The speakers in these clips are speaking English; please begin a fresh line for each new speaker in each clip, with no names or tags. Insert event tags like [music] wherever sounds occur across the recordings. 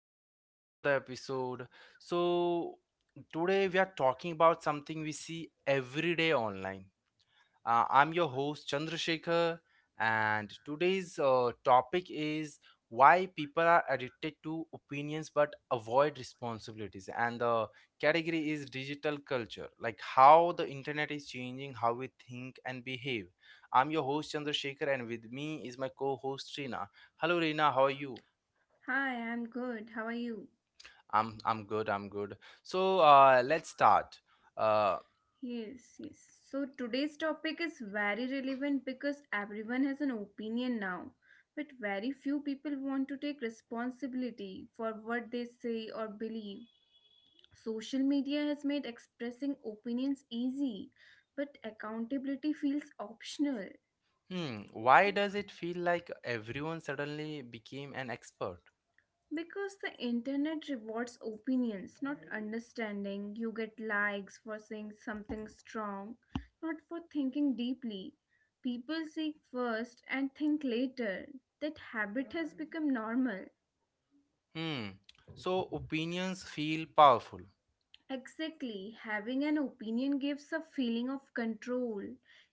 back to another episode. So, today we are talking about something we see every day online. I'm your host Chandrasekhar, and today's topic is why people are addicted to opinions but avoid responsibilities. And the category is digital culture, like how the internet is changing how we think and behave. I'm your host Chandrasekhar, and with me is my co host Reena. Hello, Reena, how are you?
Hi, I'm good. How are you?
I'm good. I'm good. So let's start. Uh,
Yes, yes. So today's topic is very relevant because everyone has an opinion now, but very few people want to take responsibility for what they say or believe. Social media has made expressing opinions easy, but accountability feels optional.
hmm. Why does it feel like everyone suddenly became an expert?
Because the internet rewards opinions, not understanding. You get likes for saying something strong, not for thinking deeply. People seek first and think later. That habit has become normal.
Hmm. So opinions feel powerful.
Exactly, having an opinion gives a feeling of control.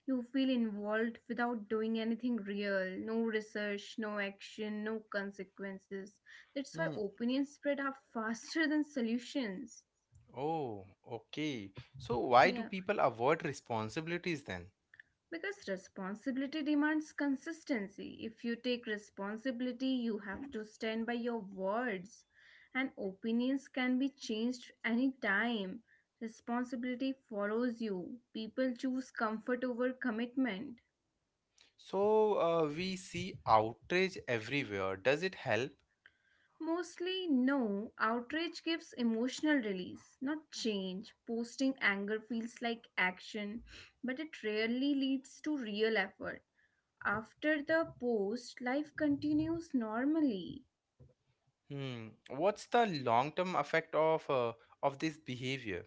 You feel involved without doing anything real. No research, no action, no consequences. That's why
Hmm.
opinions spread are [laughs] faster than solutions.
Oh, okay. So why do
Yeah.
people avoid responsibilities then?
Because responsibility demands consistency. If you take responsibility, you have to stand by your words, and opinions can be changed anytime. Responsibility follows you. People choose comfort over commitment.
So we see outrage everywhere. Does it help?
Mostly, no. Outrage gives emotional release, not change. Posting anger feels like action, but it rarely leads to real effort. After the post, life continues normally.
Hmm. What's the long-term effect of this behavior?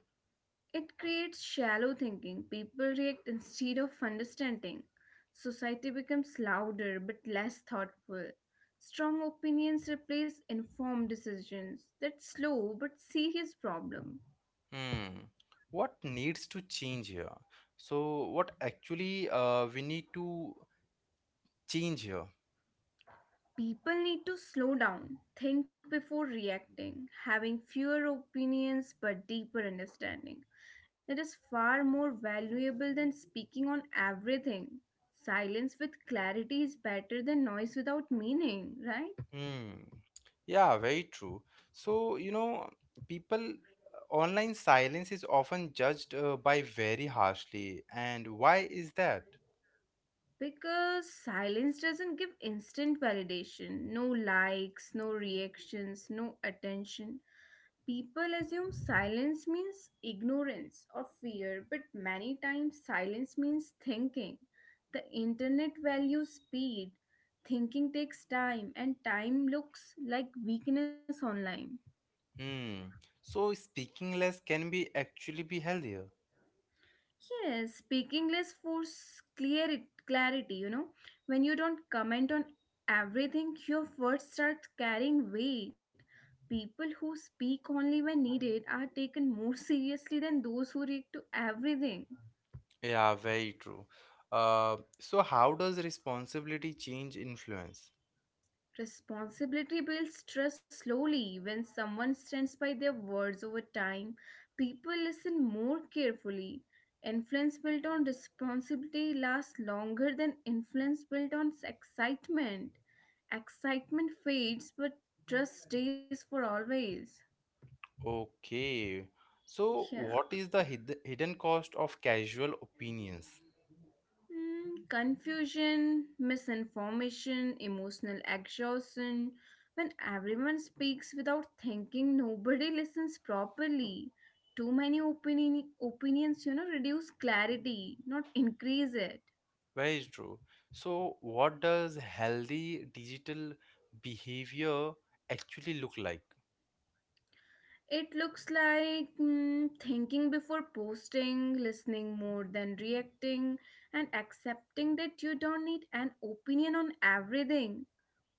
It creates shallow thinking. People react instead of understanding. Society becomes louder but less thoughtful. Strong opinions replace informed decisions. That's slow but serious problem.
Hmm. What needs to change here? So, what actually we need to change here?
People need to slow down, think before reacting, having fewer opinions but deeper understanding. It is far more valuable than speaking on everything. Silence with clarity is better than noise without meaning, right?
Hmm. Yeah, very true. So, you know, people online silence is often judged by very harshly. And why is that?
Because silence doesn't give instant validation, no likes, no reactions, no attention. People assume silence means ignorance or fear, but many times silence means thinking. The internet values speed, thinking takes time, and time looks like weakness online.
Hmm. So, speaking less can be actually be healthier.
Yes, speaking less force clear clarity, you know. When you don't comment on everything, your words start carrying weight. People who speak only when needed are taken more [laughs] seriously than those who react to everything.
Yeah, very true. So, how does responsibility change influence?
Responsibility builds trust slowly. When someone stands by their words over time, people listen more carefully. Influence built on responsibility lasts longer than influence built on excitement. Excitement fades, but trust stays for always.
Okay. So,
Yeah.
what is the hidden cost of casual opinions?
Confusion, misinformation, emotional exhaustion. When everyone speaks without thinking, nobody listens properly. Too many opinions reduce clarity, not increase it.
Very true. So, what does healthy digital behavior actually look like?
It looks like thinking before posting, listening more than reacting, and accepting that you don't need an opinion on everything.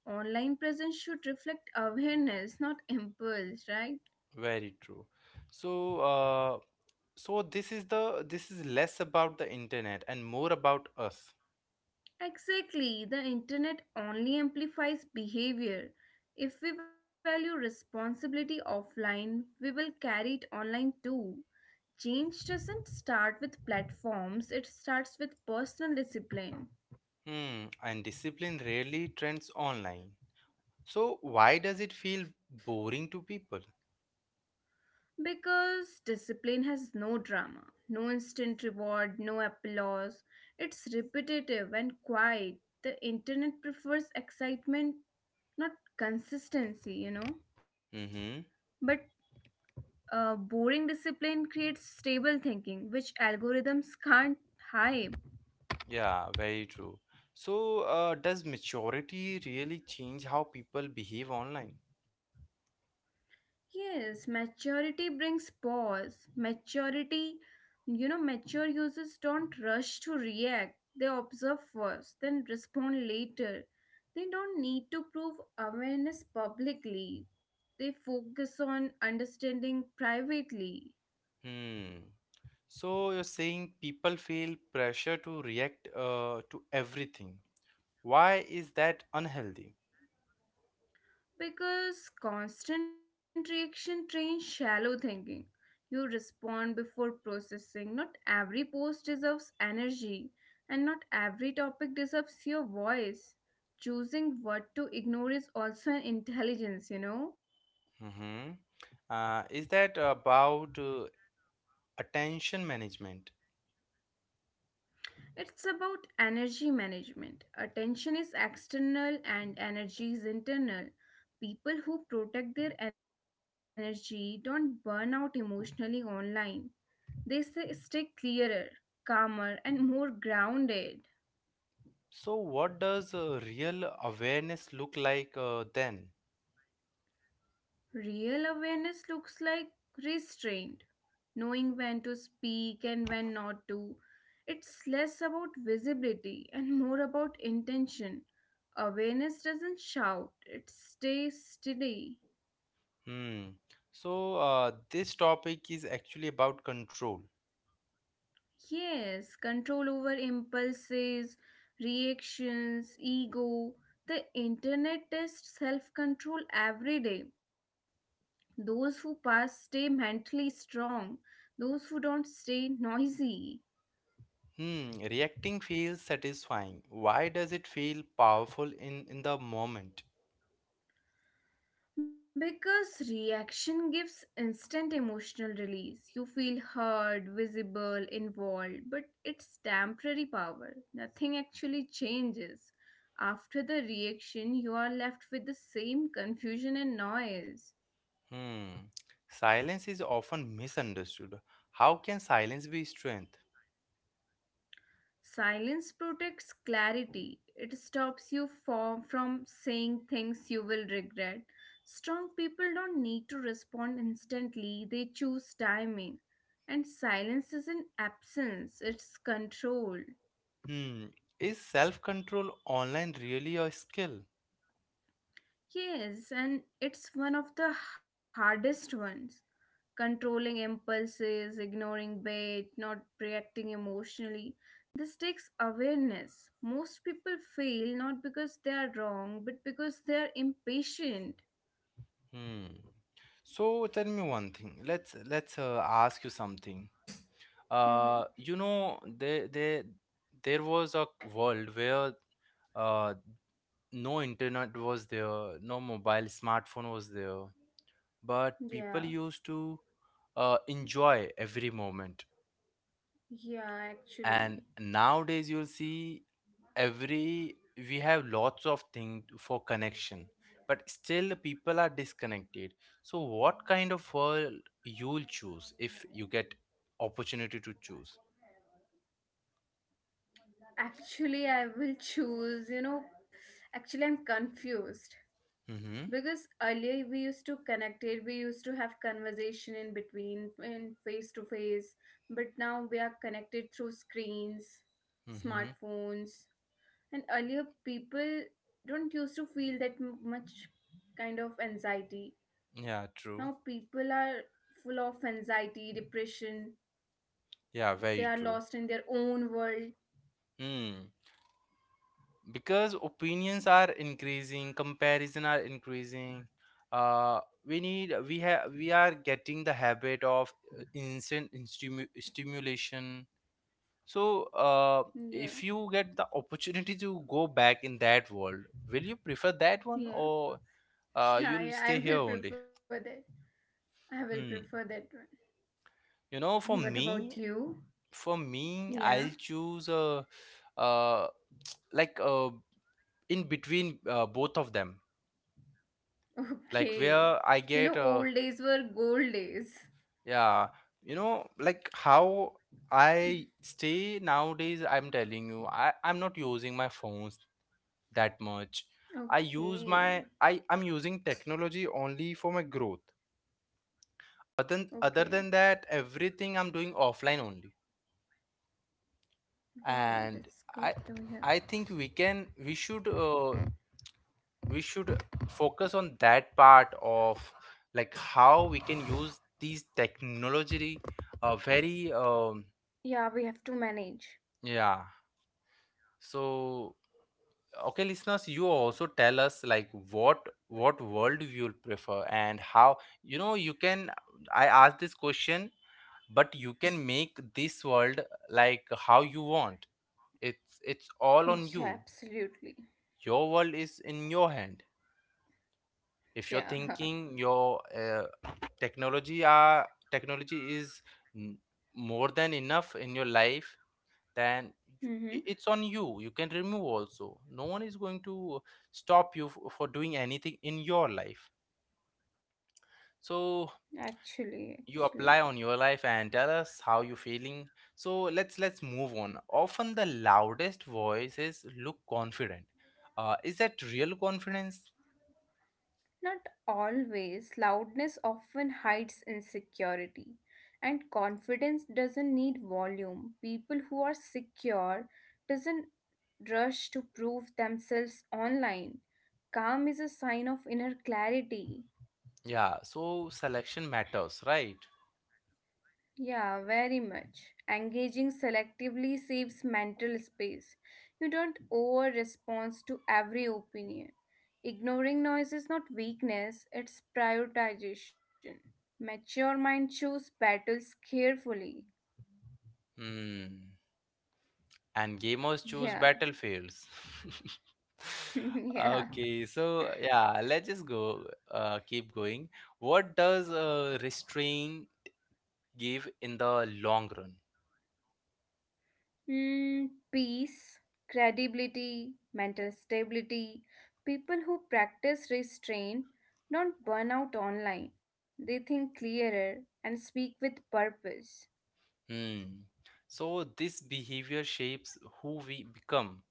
Online presence should reflect awareness, not impulse, right?
Very true. So, uh, so this is the this is less about the internet and more about us.
Exactly, the internet only amplifies behavior. If we value responsibility offline, we will carry it online too. Change doesn't start with platforms, it starts with personal discipline.
Hmm. And discipline rarely trends online. So, why does it feel boring to people?
Because discipline has no drama, no instant reward, no applause. It's repetitive and quiet. The internet prefers excitement, not consistency.
Mm-hmm.
But boring discipline creates stable thinking, which algorithms can't hype.
Yeah, very true. So, does maturity really change how people behave online?
Yes, maturity brings pause. Maturity, you know, mature users don't rush to react. They observe first, then respond later. They don't need to prove awareness publicly. They focus on understanding privately.
Hmm. So, you're saying people feel pressure to react to everything. Why is that unhealthy?
Because constant reaction trains shallow thinking. You respond before processing. Not every post deserves energy, and not every topic deserves your voice. Choosing what to ignore is also an intelligence?
Mm-hmm. Is that about attention management?
It's about energy management. Attention is external and energy is internal. People who protect their energy don't burn out emotionally online. They say stay clearer, calmer, and more grounded.
So, what does real awareness look like then?
Real awareness looks like restraint, knowing when to speak and when not to. It's less about visibility and more about intention. Awareness doesn't shout, it stays steady.
Hmm. So, this topic is actually about control.
Yes, control over impulses, reactions, ego. The internet tests self control every day. Those who pass stay mentally strong, those who don't stay noisy.
Hmm, reacting feels satisfying. Why does it feel powerful in the moment?
Because reaction gives instant emotional release. You feel heard, visible, involved, but it's temporary power. Nothing actually changes. After the reaction, you are left with the same confusion and noise.
Hmm. Silence is often misunderstood. How can silence be strength?
Silence protects clarity. It stops you from saying things you will regret. Strong people don't need to respond instantly, they choose timing. And silence is an absence, it's control.
Hmm. Is self control online really a skill?
Yes, and it's one of the hardest ones. Controlling impulses, ignoring bait, not reacting emotionally. This takes awareness. Most people fail not because they are wrong, but because they are impatient.
Hmm. So tell me one thing. Let's ask you something.
Mhm.
You know, there was a world where uh no internet was there, no mobile smartphone was there, but people
Yeah,
used to enjoy every moment,
yeah, actually.
and nowadays you'll see every we have lots of things for connection, but still people are disconnected. So what kind of world you'll choose if you get opportunity to choose?
Actually, I will choose, actually, I'm confused.
Mm-hmm,
Because earlier we used to connect it, we used to have conversation in between, in face to face, but now we are connected through screens,
mm-hmm.
smartphones, and earlier people don't used to feel that much kind of anxiety.
Yeah, true.
Now people are full of anxiety, depression.
Yeah, very
They are
true.
lost in their own world.
Hmm. Because opinions are increasing, comparison are increasing, uh we need we have we are getting the habit of instant stimu- stimulation. so uh
Yeah,
if you get the opportunity to go back in that world, will you prefer that one,
yeah,
or
[laughs] yeah,
you'll
yeah. I
stay here
will
only?
prefer that. I will prefer
Hmm.
that one.
You know,
And
for
what about
me,
you?
for me,
Yeah.
I'll choose uh like in between both of them, like
Okay.
where I
You
get
know, old days were gold days.
yeah. You know, like how I stay nowadays, I'm telling you, I'm not using my phones that much. I use
Okay.
my I, I'm using technology only for my growth.
Okay.
Other than that, everything I'm doing offline only.
Wow,
And
that's good
I
to hear.
I think we should focus on that part of like how we can use these technology very
Yeah, we have to manage.
yeah. So, okay, listeners, you also tell us like what worldview you'll prefer and how, you know, you can. I asked this question, but you can make this world like how you want. It's all on
Yeah,
you.
absolutely.
Your world is in your hand. If you're
Yeah. [laughs]
thinking your technology are technology is n- more than enough in your life, then you,
Mm-hmm.
it's on you, you can remove also. No one is going to stop you for doing anything in your life. So
Actually,
you
actually.
apply on your life and tell us how you feeling. So let's move on. Often the loudest voices look confident. Is that real confidence?
Not always. Loudness often hides insecurity. And confidence doesn't need volume. People who are secure doesn't rush to prove themselves online. Calm is a sign of inner clarity.
Yeah, so selection matters, right?
Yeah, very much. Engaging selectively saves mental space. You don't over respond to every opinion. Ignoring noise is not weakness, it's prioritization. Mature mind choose battles carefully.
Hmm. And gamers choose
Yeah,
battlefields. [laughs]
[laughs] yeah.
Okay, so yeah, let's just go, keep going. What does restrain give in the long run?
Peace, credibility, mental stability. People who practice restraint don't burn out online. They think clearer and speak with purpose.
Hmm. So this behavior shapes who we become.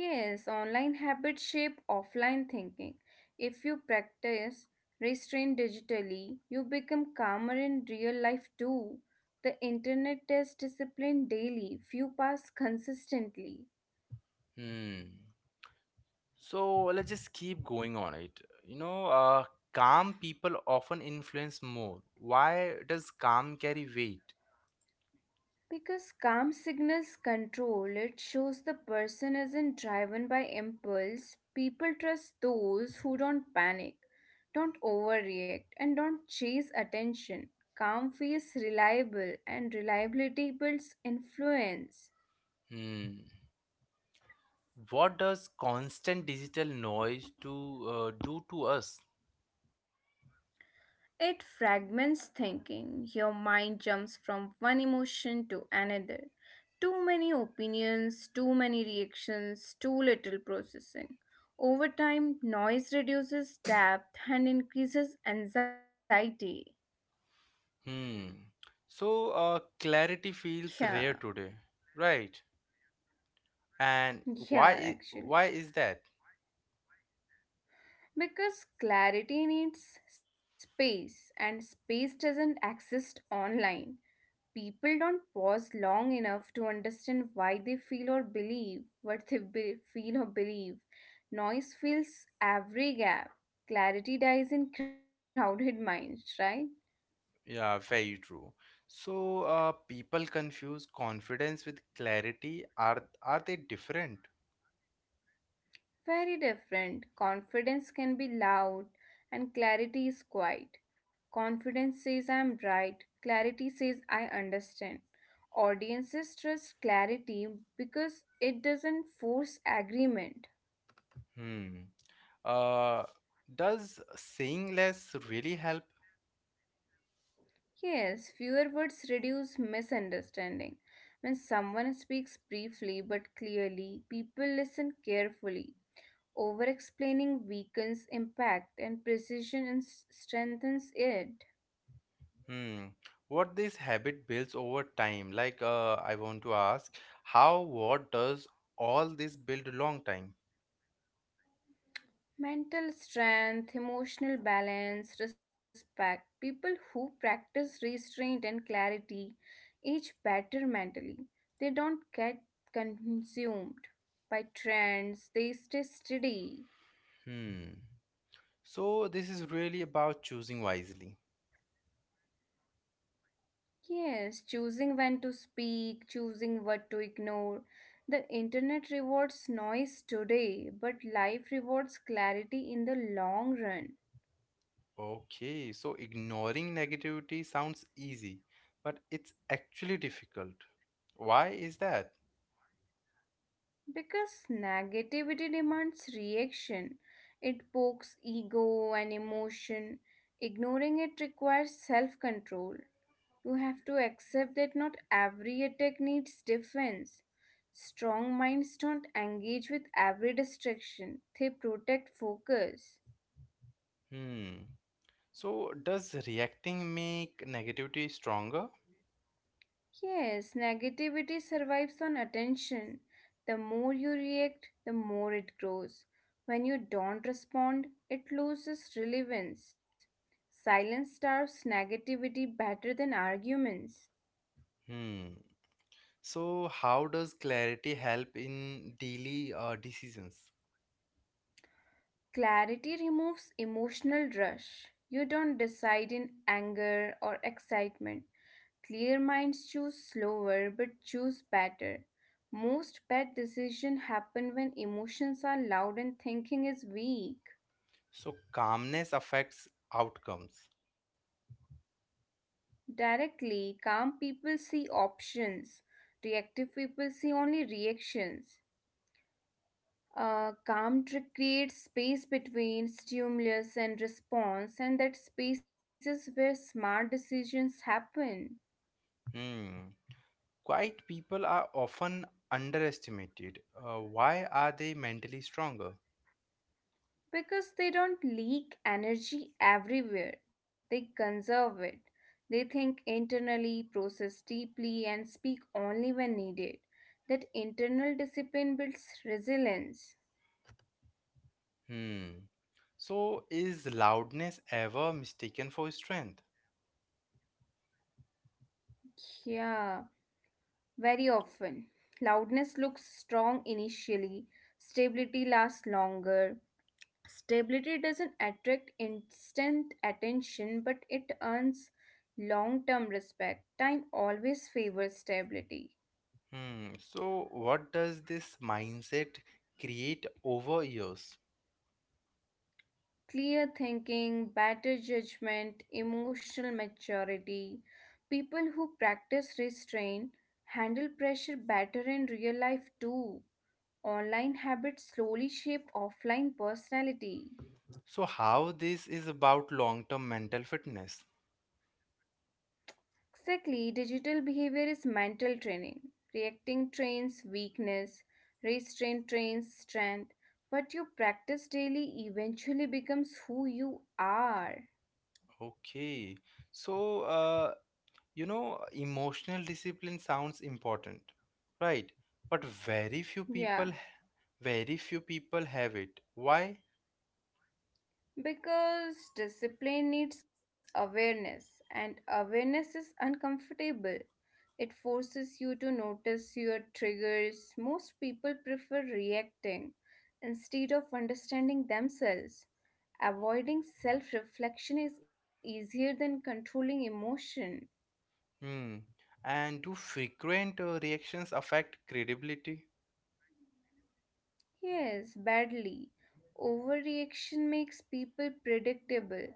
Yes, online habits shape offline thinking. If you practice restraint digitally, you become calmer in real life too. The internet tests discipline daily, few pass consistently.
Hmm. So let's just keep going on it. You know, calm people often influence more. Why does calm carry weight?
Because calm signals control, it shows the person isn't driven by impulse. People trust those who don't panic, don't overreact, and don't chase attention. Calm feels reliable, and reliability builds influence.
Hmm. What does constant digital noise to do to us?
It fragments thinking. Your mind jumps from one emotion to another. Too many opinions, too many reactions, too little processing. Over time, noise reduces depth and increases anxiety.
Hmm. So clarity feels
Yeah,
rare today, right? And
yeah, actually.
why is that?
Because clarity needs space, and space doesn't exist online. People don't pause long enough to understand why they feel or believe what they feel or believe. Noise fills every gap. Clarity dies in crowded minds, right?
Yeah, very true. So people confuse confidence with clarity. Are they different?
Very different. Confidence can be loud and clarity is quiet. Confidence says I'm right, clarity says I understand. Audiences trust clarity because it doesn't force agreement.
Hmm. Uh, does saying less really help?
Yes, fewer words reduce misunderstanding. When someone speaks briefly but clearly, people listen carefully. Over explaining weakens impact and precision strengthens it.
Hmm. What this habit builds over time? Like, I want to ask, how, what does all this build long time?
Mental strength, emotional balance, respect. People who practice restraint and clarity age better mentally. They don't get consumed by trends, they stay steady.
Hmm. So this is really about choosing wisely.
Yes, choosing when to speak, choosing what to ignore. The internet rewards noise today, but life rewards clarity in the long run.
Okay, so ignoring negativity sounds easy, but it's actually difficult. Why is that?
Because negativity demands reaction, it pokes ego and emotion. Ignoring it requires self control. You have to accept that not every attack needs defense. Strong minds don't engage with every distraction, they protect focus.
Hmm. So does reacting make negativity stronger?
Yes, negativity survives on attention. The more you react, the more it grows. When you don't respond, it loses relevance. Silence starves negativity better than arguments.
Hmm. So how does clarity help in daily decisions?
Clarity removes emotional rush. You don't decide in anger or excitement. Clear minds choose slower but choose better. Most bad decisions happen when emotions are loud and thinking is weak.
So calmness affects outcomes.
Directly, calm people see options, reactive people see only reactions. A calm trick creates space between stimulus and response, and that space is where smart decisions happen.
Hmm. Quiet people are often underestimated. Why are they mentally stronger?
Because they don't leak energy everywhere, they conserve it. They think internally, process deeply, and speak only when needed. That internal discipline builds resilience.
Hmm. So is loudness ever mistaken for strength?
Yeah. Very often, loudness looks strong initially, stability lasts longer. Stability doesn't attract instant attention, but it earns long term respect. Time always favors stability.
Hmm. So what does this mindset create over years?
Clear thinking, better judgment, emotional maturity. People who practice restraint handle pressure better in real life too. Online habits slowly shape offline personality.
So how this is about long-term mental fitness?
Exactly, digital behavior is mental training. Reacting trains weakness, restraint trains strength. What you practice daily eventually becomes who you are.
Okay. So uh, You know, emotional discipline sounds important, right? But
Yeah,
very few people have it. Why?
because discipline needs awareness, and awareness is uncomfortable. It forces you to notice your triggers. Most people prefer reacting instead of understanding themselves. Avoiding self reflection is easier than controlling emotion.
Hmm. And do frequent reactions affect credibility?
Yes, badly. Overreaction makes people predictable.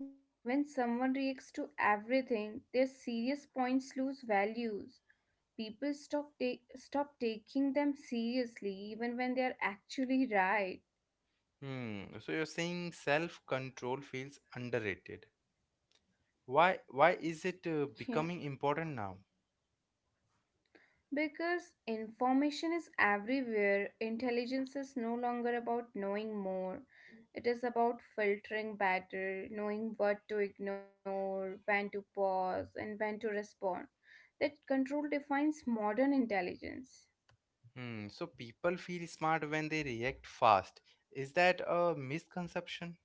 When someone reacts to everything, their serious points lose values. People stop taking them seriously even when they are actually right.
Hmm. So you're saying self-control feels underrated. Why is it
[laughs] Yeah.
becoming important now?
Because information is everywhere, intelligence is no longer about knowing more. It is about filtering better, knowing what to ignore, when to pause, and when to respond. That control defines modern intelligence.
Hmm. So people feel smart when they react fast. Is that a misconception?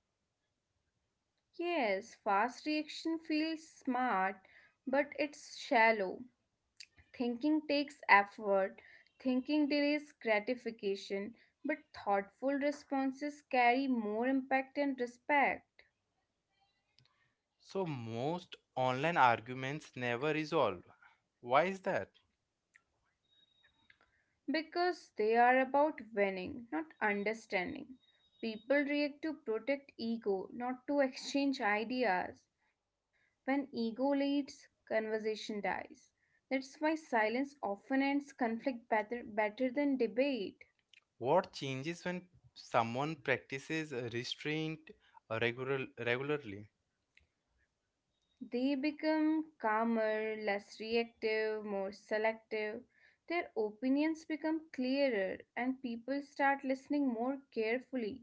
Yes, fast reaction feels smart, but it's shallow. Thinking takes effort, thinking delays gratification, but thoughtful responses carry more impact and respect.
So most online arguments never resolve. Why is that?
Because they are about winning, not understanding. People react to protect ego, not to exchange ideas. When ego leads, conversation dies. That's why silence often ends conflict better, better than debate.
What changes when someone practices restraint regularly?
They become calmer, less reactive, more selective. Their opinions become clearer, and people start listening more carefully.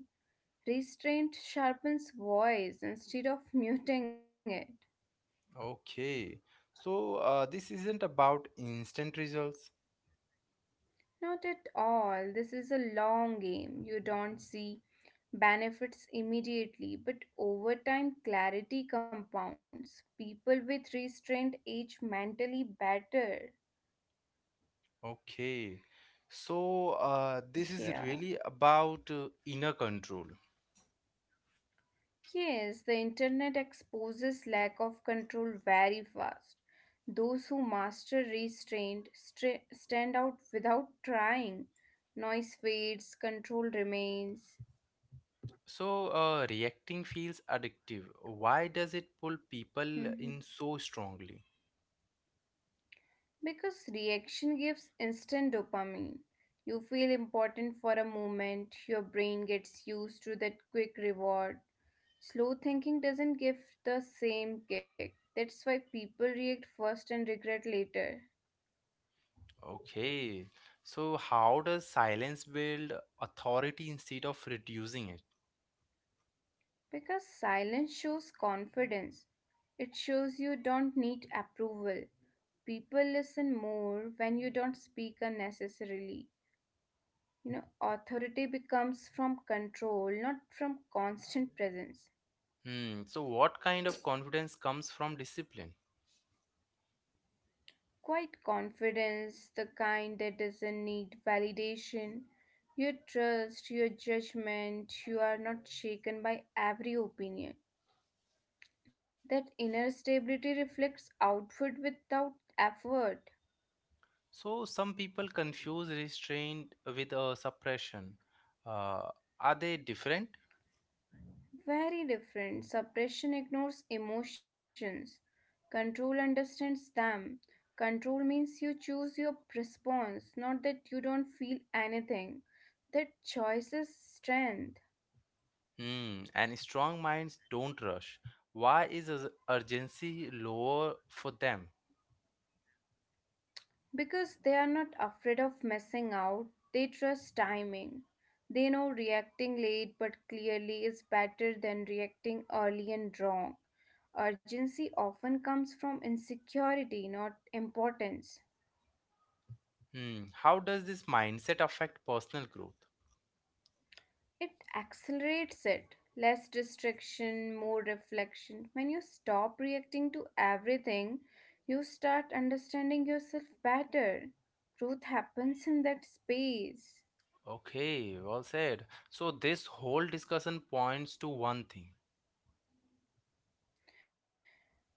Restraint sharpens voice instead of muting it.
Okay. So this isn't about instant results.
Not at all. This is a long game. You don't see benefits immediately, but over time, clarity compounds. People with restraint age mentally better.
Okay. So this is
Yeah.
really about inner control.
Yes, the internet exposes lack of control very fast. Those who master restraint stand out without trying. Noise fades, control remains.
So reacting feels addictive. Why does it pull people
Mhm.
in so strongly?
Because reaction gives instant dopamine. You feel important for a moment, your brain gets used to that quick reward. Slow thinking doesn't give the same kick. That's why people react first and regret later.
Okay. So how does silence build authority instead of reducing it?
Because silence shows confidence. It shows you don't need approval. People listen more when you don't speak unnecessarily. Authority becomes from control, not from constant presence.
Hmm. So what kind of confidence comes from discipline?
Quiet confidence, the kind that doesn't need validation. You trust your judgment, you are not shaken by every opinion. That inner stability reflects outward without effort.
So some people confuse restraint with suppression. Uh, are they different?
Very different. Suppression ignores emotions, control understands them. Control means you choose your response, not that you don't feel anything. That choice is strength.
Hmm. And strong minds don't rush. Why is urgency lower for them?
Because they are not afraid of messing out, they trust timing. They know reacting late but clearly is better than reacting early and wrong. Urgency often comes from insecurity, not importance.
Hmm. How does this mindset affect personal growth?
It accelerates it. Less distraction, more reflection. When you stop reacting to everything, you start understanding yourself better. Growth happens in that space.
Okay, well said. So this whole discussion points to one thing.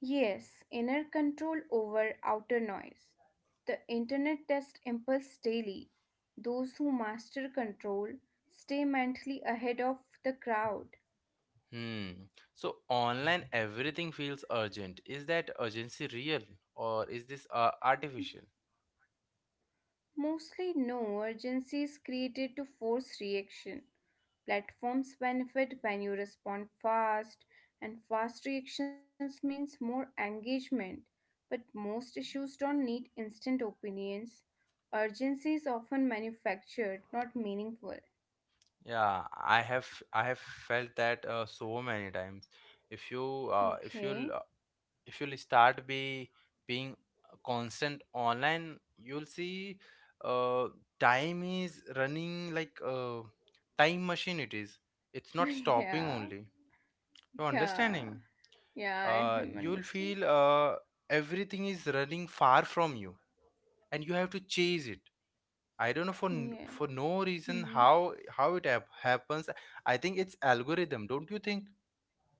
Yes, inner control over outer noise. The internet tests impulse daily. Those who master control stay mentally ahead of the crowd.
Hmm. So online everything feels urgent. Is that urgency real, or is this artificial?
Mostly, no, urgency is created to force reaction. Platforms benefit when you respond fast, and fast reactions means more engagement. But most issues don't need instant opinions. Urgency is often manufactured, not meaningful.
Yeah, I have felt that so many times. If you uh, if you'll uh,
Okay.
if you'll start be being constant online, you'll see uh, time is running like a time machine. It is. It's not
[laughs]
stopping
Yeah,
only. You
yeah,
understanding?
yeah, I am
You'll
understand.
feel everything is running far from you, and you have to chase it. I don't know
Yeah,
for no reason
mm-hmm.
how it happens. I think it's algorithm, don't you think?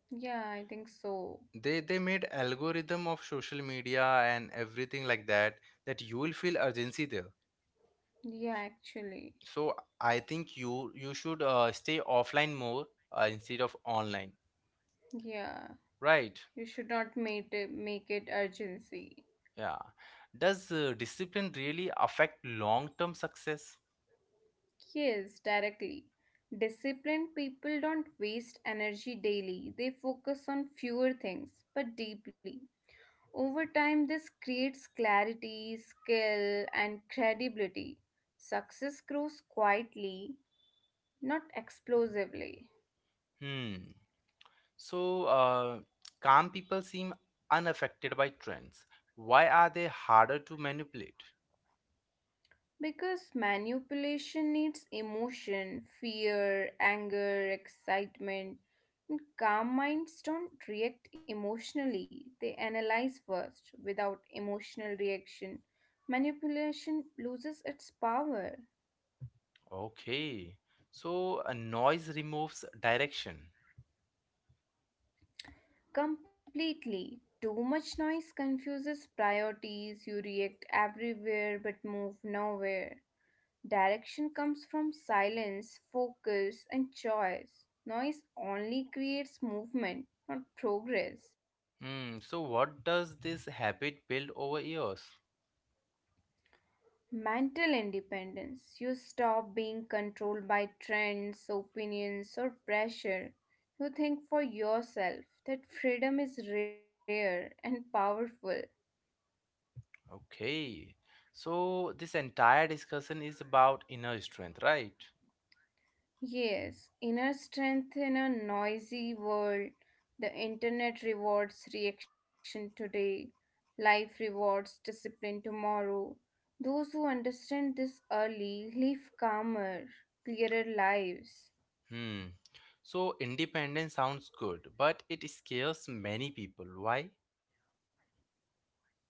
Yeah, I think so.
They made algorithm of social media and everything like that, that you will feel urgency there.
Yeah, actually,
So I think you should stay offline more instead of online,
yeah,
right?
you should not make it urgency.
Yeah. Does discipline really affect long term success?
Yes, directly. Disciplined people don't waste energy daily, they focus on fewer things but deeply. Over time, this creates clarity, skill, and credibility. Success grows quietly, not explosively.
Hmm. So, calm people seem unaffected by trends. Why are they harder to manipulate?
Because manipulation needs emotion, fear, anger, excitement. And calm minds don't react emotionally, they analyze first. Without emotional reaction, manipulation loses its power
Okay. So, a noise removes direction.
completely. Too much noise confuses priorities, you react everywhere but move nowhere. Direction comes from silence, focus, and choice. Noise only creates movement, not progress.
Hmm. So, what does this habit build over years?
Mental independence. You stop being controlled by trends, opinions, or pressure. You think for yourself that freedom is rare and powerful.
Okay. So, this entire discussion is about inner strength, right?
Yes, inner strength in a noisy world. The internet rewards reaction today, life rewards discipline tomorrow. Those who understand this early live calmer, clearer lives.
Hmm. So, independence sounds good, but it scares many people. Why?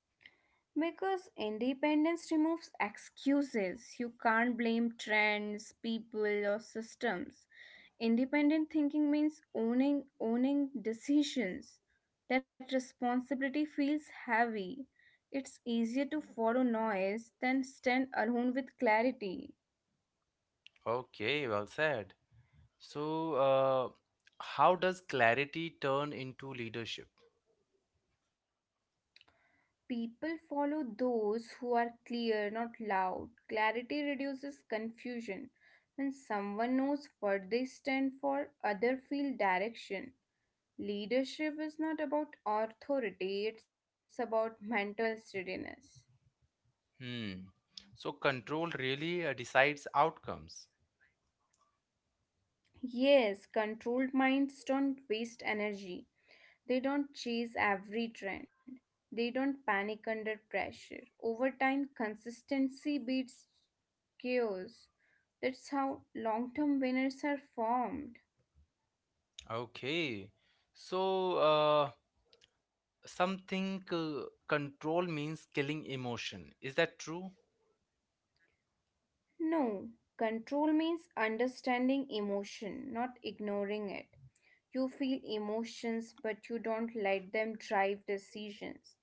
Because independence removes excuses. You can't blame trends, people, or systems. Independent thinking means owning decisions. That responsibility feels heavy. It's easier to follow noise than stand alone with clarity.
Okay, well said. So, how does clarity turn into leadership?
People follow those who are clear, not loud. Clarity reduces confusion. When someone knows what they stand for, others feel direction. Leadership is not about authority, it's about mental steadiness.
Hmm. So, control really decides outcomes.
Yes, controlled minds don't waste energy. They don't chase every trend. They don't panic under pressure. Over time, consistency beats chaos. That's how long term winners are formed.
Okay. So, something control means killing emotion. Is that true?
No, control means understanding emotion, not ignoring it. You feel emotions, but you don't let them drive decisions.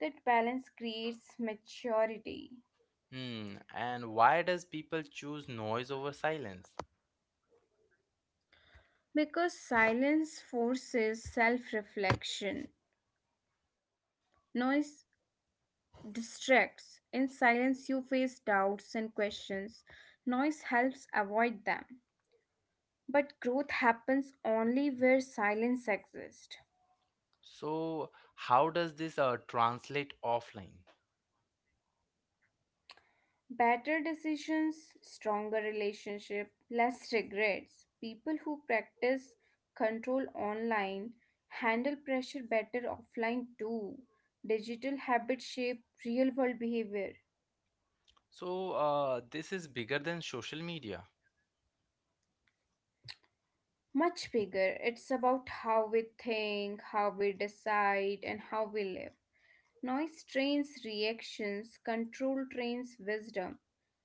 That balance creates maturity.
Hmm. And why does people choose noise over silence?
Because silence forces self reflection, noise distracts. In silence, you face doubts and questions. Noise helps avoid them. But growth happens only where silence exists.
So, how does this translate offline?
Better decisions, stronger relationship, less regrets. People who practice control online handle pressure better offline too. Digital habits shape real world behavior.
So, this is bigger than social media.
Much bigger. It's about how we think, how we decide, and how we live. Noise trains reactions, control trains wisdom,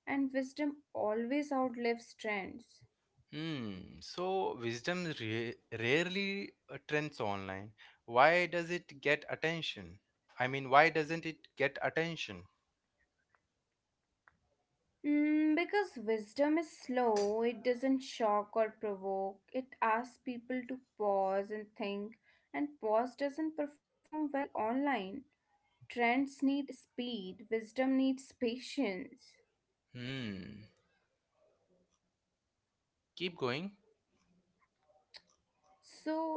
and wisdom always outlives trends.
Hmm. So wisdom rarely trends online. Why does it get attention? Why doesn't it get attention?
Mm, because wisdom is slow, it doesn't shock or provoke, it asks people to pause and think, and pause doesn't perform well online. Trends need speed, wisdom needs patience.
Hmm. Keep going.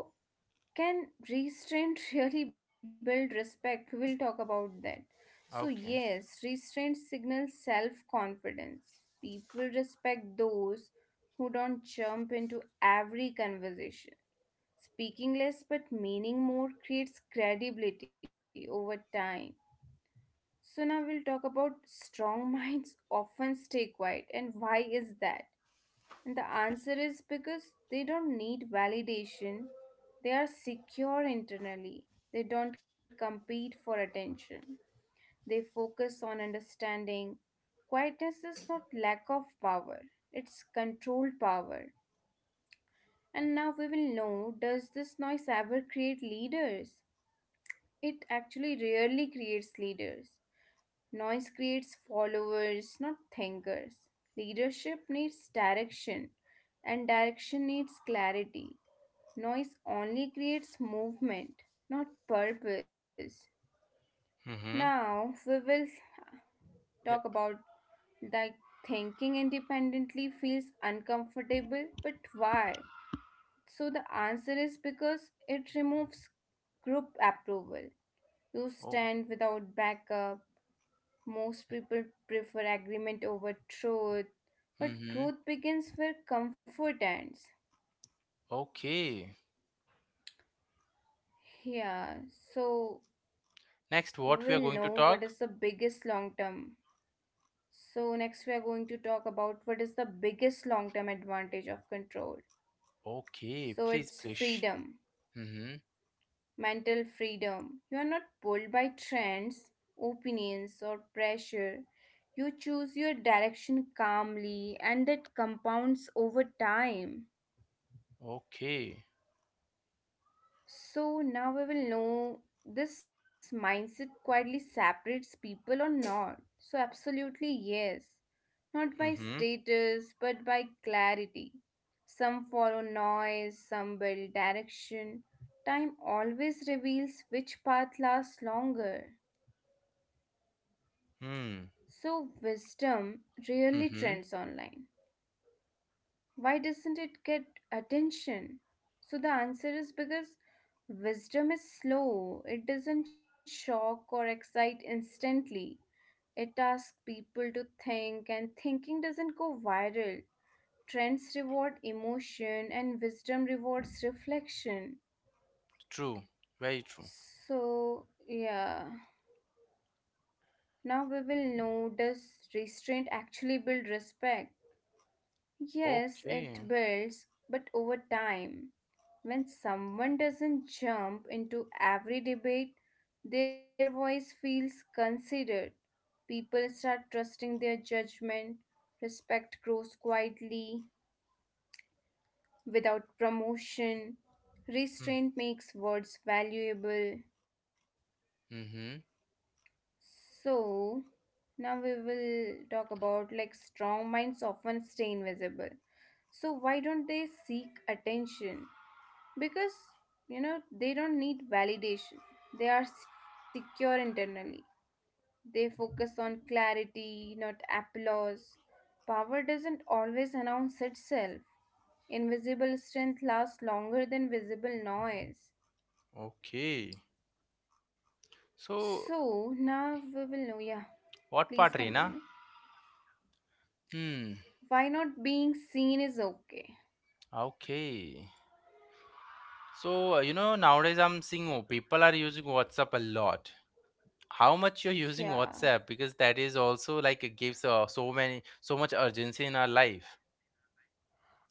So can restraint [laughs] really build respect? We'll talk about that. So,
Okay.
yes, restraint signals self confidence. People respect those who don't jump into every conversation. Speaking less but meaning more creates credibility over time. So, now we'll talk about strong [laughs] minds often stay quiet, and why is that? And the answer is because they don't need validation. They are secure internally. They don't compete for attention. They focus on understanding. Quietness is not lack of power, it's controlled power. And now we will know, does this noise ever create leaders? It actually rarely creates leaders. Noise creates followers, not thinkers. Leadership needs direction, and direction needs clarity. Noise only creates movement, not purpose.
Mm-hmm.
Now we will talk
Yeah.
about that thinking independently feels uncomfortable, but why? So the answer is because it removes group approval. You
Oh.
stand without backup. Most people prefer agreement over truth, but
Mm-hmm.
growth begins where comfort ends.
Okay.
Yeah, so we
Next,
will
what
know
we are going
what
to
is the
talk?
biggest long term. So, next we are going to talk about what is the biggest long term advantage of control.
Okay.
So,
Please
it's
please.
freedom,
Mm-hmm.
mental freedom. You are not pulled by trends, opinions, or pressure. You choose your direction calmly, and that compounds over time.
Okay.
So, now we will know this mindset quietly separates people or not. So, absolutely, yes. Not by
Mm-hmm.
status but by clarity. Some follow noise, some build direction. Time always reveals which path lasts longer.
Hmm.
So, wisdom rarely
Mm-hmm.
trends online. Why doesn't it get attention? So, the answer is because wisdom is slow, it doesn't shock or excite instantly. It asks people to think, and thinking doesn't go viral. Trends reward emotion and wisdom rewards reflection.
True. Very true.
So, yeah. Now we will know, does restraint actually build respect? Yes, it
Okay.
builds, but over time. When someone doesn't jump into every debate, their voice feels considered. People start trusting their judgment. Respect grows quietly. Without promotion, restraint makes words valuable.
Mm-hmm.
So, now we will talk about like strong minds often stay invisible. So, why don't they seek attention? Because they don't need validation, they are secure internally. They focus on clarity, not applause. Power doesn't always announce itself. Invisible strength lasts longer than visible noise.
Okay. So,
So now we will know. Yeah,
what part,
please
Reena?
continue.
Hmm.
Why not being seen is okay?
Okay. So, you know, nowadays I'm seeing oh, people are using WhatsApp a lot. How much you're [laughs] using
Yeah,
WhatsApp? Because that is also like it gives so much urgency in our life.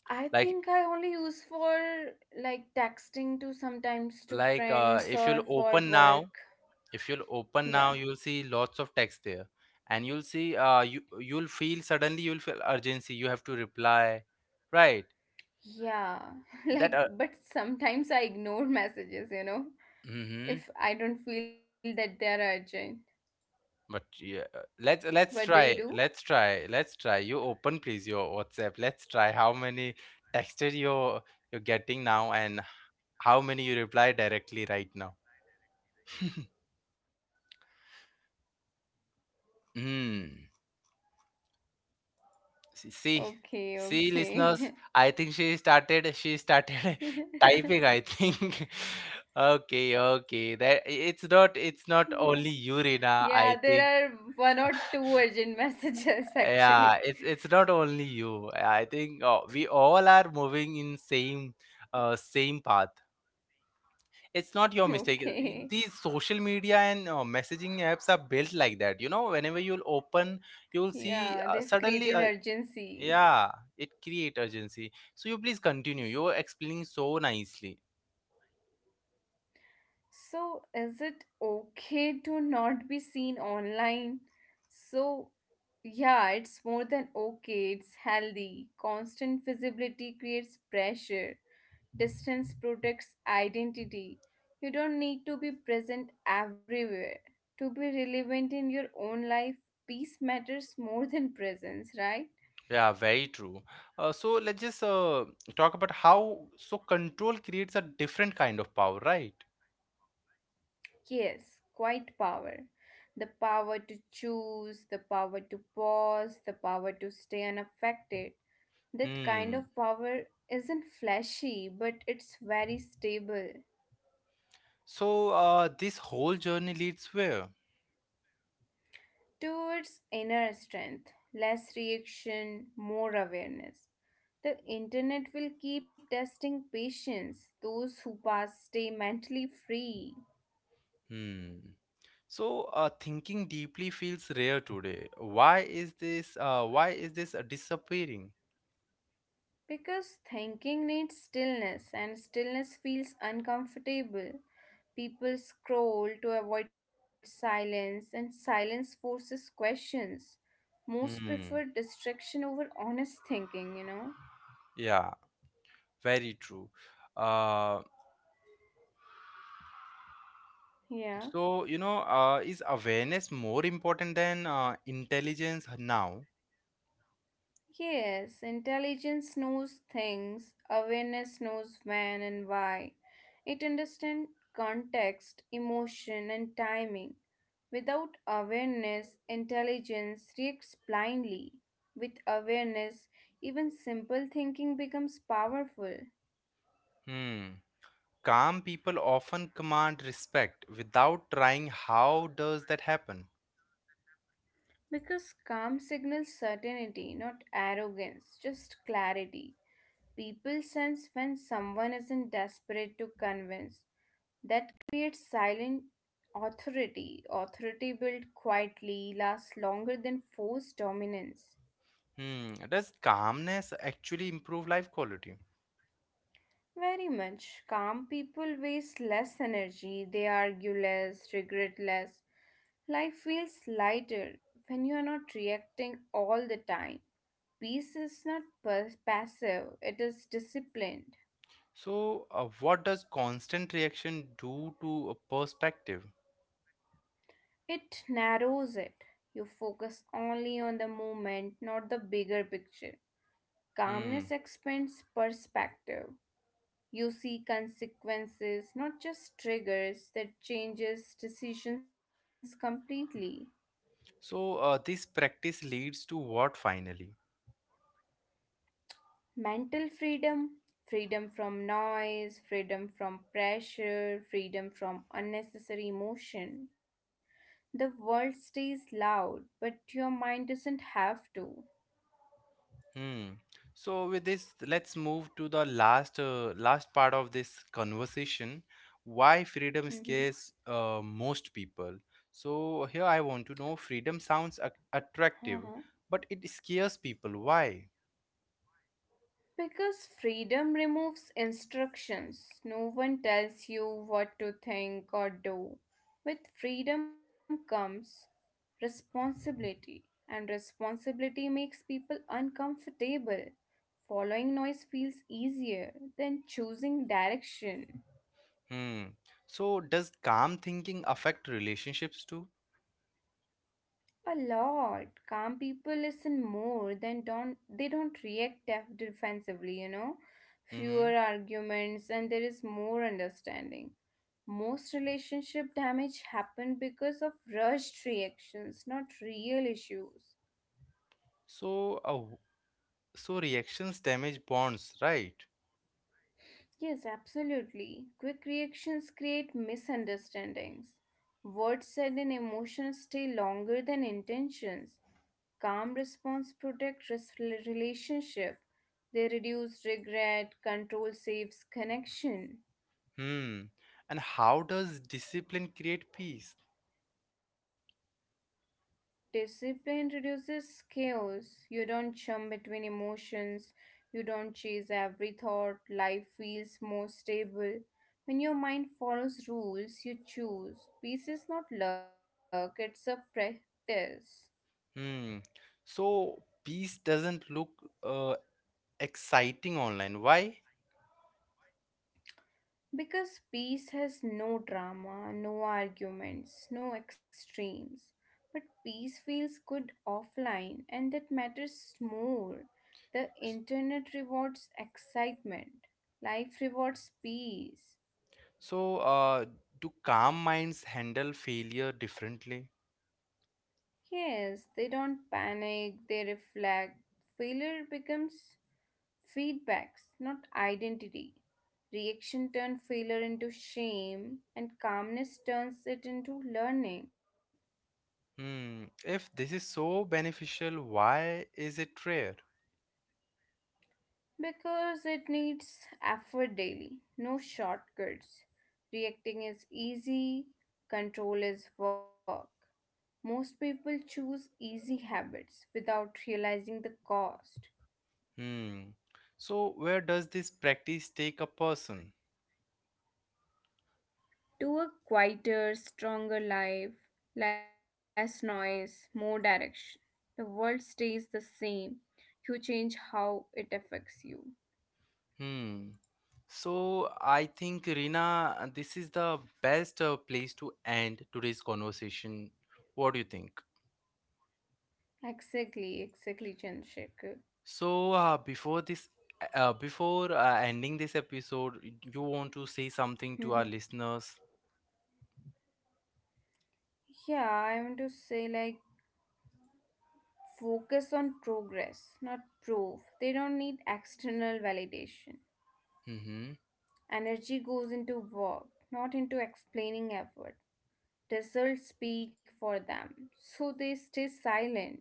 I
Like
think I only use for like texting to sometimes to
like uh,
friends
if
or
you'll
for
open now,
work.
if you'll open now,
Yeah,
you'll see lots of text there, and you'll see you'll feel suddenly you'll feel urgency. You have to reply, right?
yeah, [laughs]
That
like but sometimes I ignore messages,
mm-hmm.
if I don't feel that they are urgent.
But yeah,
What do you do?
let's try. You open please your WhatsApp. Let's try how many texted you're getting now and how many you reply directly right now. [laughs] Hmm. See,
Okay,
see, listeners.
okay.
I think she started. She started [laughs]
[laughs] yeah,
typing. I think. [laughs] Okay, okay. That it's not. It's not only you,
yeah,
Rina. I
there are
think.
one or two urgent [laughs] messages actually.
Yeah, it's not only you, I think. Uh, we all are moving in same same path. It's not your
[laughs]
mistake.
Okay.
These social media and messaging apps are built like that, you know. Whenever you'll open, you'll
Yeah,
see
they've created
suddenly
urgency.
yeah, it create urgency. So you please continue, you're explaining so nicely.
So, is it okay to not be seen online? So, yeah, it's more than okay, it's healthy. Constant visibility creates pressure, distance protects identity. You don't need to be present everywhere. To be relevant in your own life, peace matters more than presence, right?
Yeah, very true. Uh, so let's just talk about how so control creates a different kind of power, right?
Yes, quite power. The power to choose, the power to pause, the power to stay unaffected. That kind
Hmm.
of power isn't flashy, but it's very stable.
So this whole journey leads where?
Towards inner strength, less reaction, more awareness. The internet will keep testing patience. Those who pass stay mentally free.
Hmm. So thinking deeply feels rare today. Why is this disappearing?
Because thinking needs stillness, and stillness feels uncomfortable. People scroll to avoid silence, and silence forces questions. Most prefer
Hmm.
distraction over honest thinking?
Yeah, very true. Uh,
Yeah.
so you know, is awareness more important than intelligence now?
Yes, intelligence knows things, awareness knows when and why. It understands context, emotion, and timing. Without awareness, intelligence reacts blindly. With awareness, even simple thinking becomes powerful.
Hmm. Calm people often command respect without trying. How does that happen?
Because calm signals certainty, not arrogance, just clarity. People sense when someone isn't desperate to convince. That creates silent authority. Authority built quietly lasts longer than forced dominance.
Hmm. Does calmness actually improve life quality?
Very much. Calm people waste less energy, they argue less, regret less. Life feels lighter when you are not reacting all the time. Peace is not passive, it is disciplined.
So, what does constant reaction do to a perspective?
It narrows it. You focus only on the moment, not the bigger picture.
Hmm.
Calmness expands perspective. You see consequences, not just triggers, that changes decisions completely.
So, this practice leads to what finally?
Mental freedom, freedom from noise, freedom from pressure, freedom from unnecessary emotion. The world stays loud, but your mind doesn't have to.
Hmm. So, with this, let's move to the last part of this conversation. Why freedom
Mhm.
scares most people? So, here I want to know. Freedom sounds attractive,
Uh-huh.
but it scares people. Why?
Because freedom removes instructions. No one tells you what to think or do. With freedom comes responsibility, and responsibility makes people uncomfortable. Following noise feels easier than choosing direction.
Hmm. So, does calm thinking affect relationships too?
A lot. Calm people listen more than don't they don't react defensively, you know. Fewer
Mm-hmm.
arguments and there is more understanding. Most relationship damage happen because of rushed reactions, not real issues.
So, uh, So reactions damage bonds, right?
Yes, absolutely. Quick reactions create misunderstandings. Words said and emotions stay longer than intentions. Calm response protect relationship. They reduce regret, control saves connection.
Hmm. And how does discipline create peace?
Discipline reduces chaos. You don't jump between emotions. You don't chase every thought. Life feels more stable. When your mind follows rules, you choose. Peace is not luck, it's a practice.
Hmm. So peace doesn't look uh, exciting online. Why?
Because peace has no drama, no arguments, no extremes. But peace feels good offline, and that matters more. The internet rewards excitement, life rewards peace.
So do calm minds handle failure differently?
Yes, they don't panic, they reflect. Failure becomes feedbacks, not identity. Reaction turns failure into shame, and calmness turns it into learning.
Hmm. If this is so beneficial, why is it rare?
Because it needs effort daily, no shortcuts. Reacting is easy, control is work. Most people choose easy habits without realizing the cost.
Hmm. So where does this practice take a person?
To a quieter, stronger life, less noise, more direction. The world stays the same. You change how it affects you.
Hmm. So I think Rina, this is the best place to end today's conversation. What do you think?
Exactly, exactly, Chandrasekhar.
So before this, before ending this episode, you want to say something to our
[laughs]
listeners?
yeah, I want to say like focus on progress, not proof. They don't need external validation.
Mm-hmm.
Energy goes into work, not into explaining effort. Results speak for them, so they stay silent.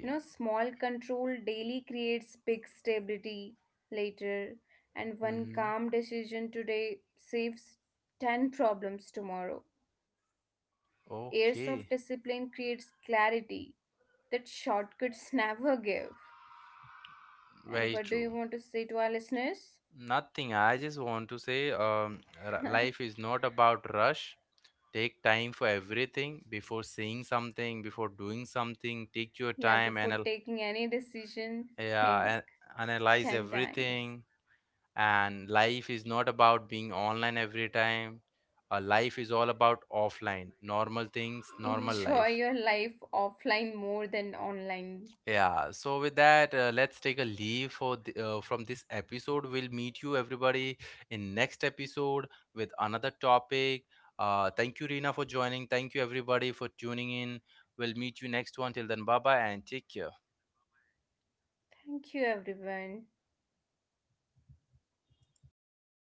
You know, small control daily creates big stability later, and one
Mm-hmm.
calm decision today saves 10 problems tomorrow. Years of discipline
Okay.
creates clarity that shortcuts [laughs] never give. And what do
Very
you want to
true.
say to our listeners?
Nothing. I just want to say, life is not about rush. Take time for everything, before saying something, before doing something, take
Yeah,
your
before
time and
taking any decision, think
yeah,
10
analyze
times.
everything. And life is not about being online every time. Uh, life is all about offline, normal
[laughs]
things, normal
Enjoy your
life.
life offline more than online.
Yeah, so with that, let's take a leave for the, from this episode. We'll meet you everybody in next episode with another topic. Thank you, Rina, for joining. Thank you, everybody, for tuning in. We'll meet you next one. Till then, bye bye and take care.
Thank you, everyone.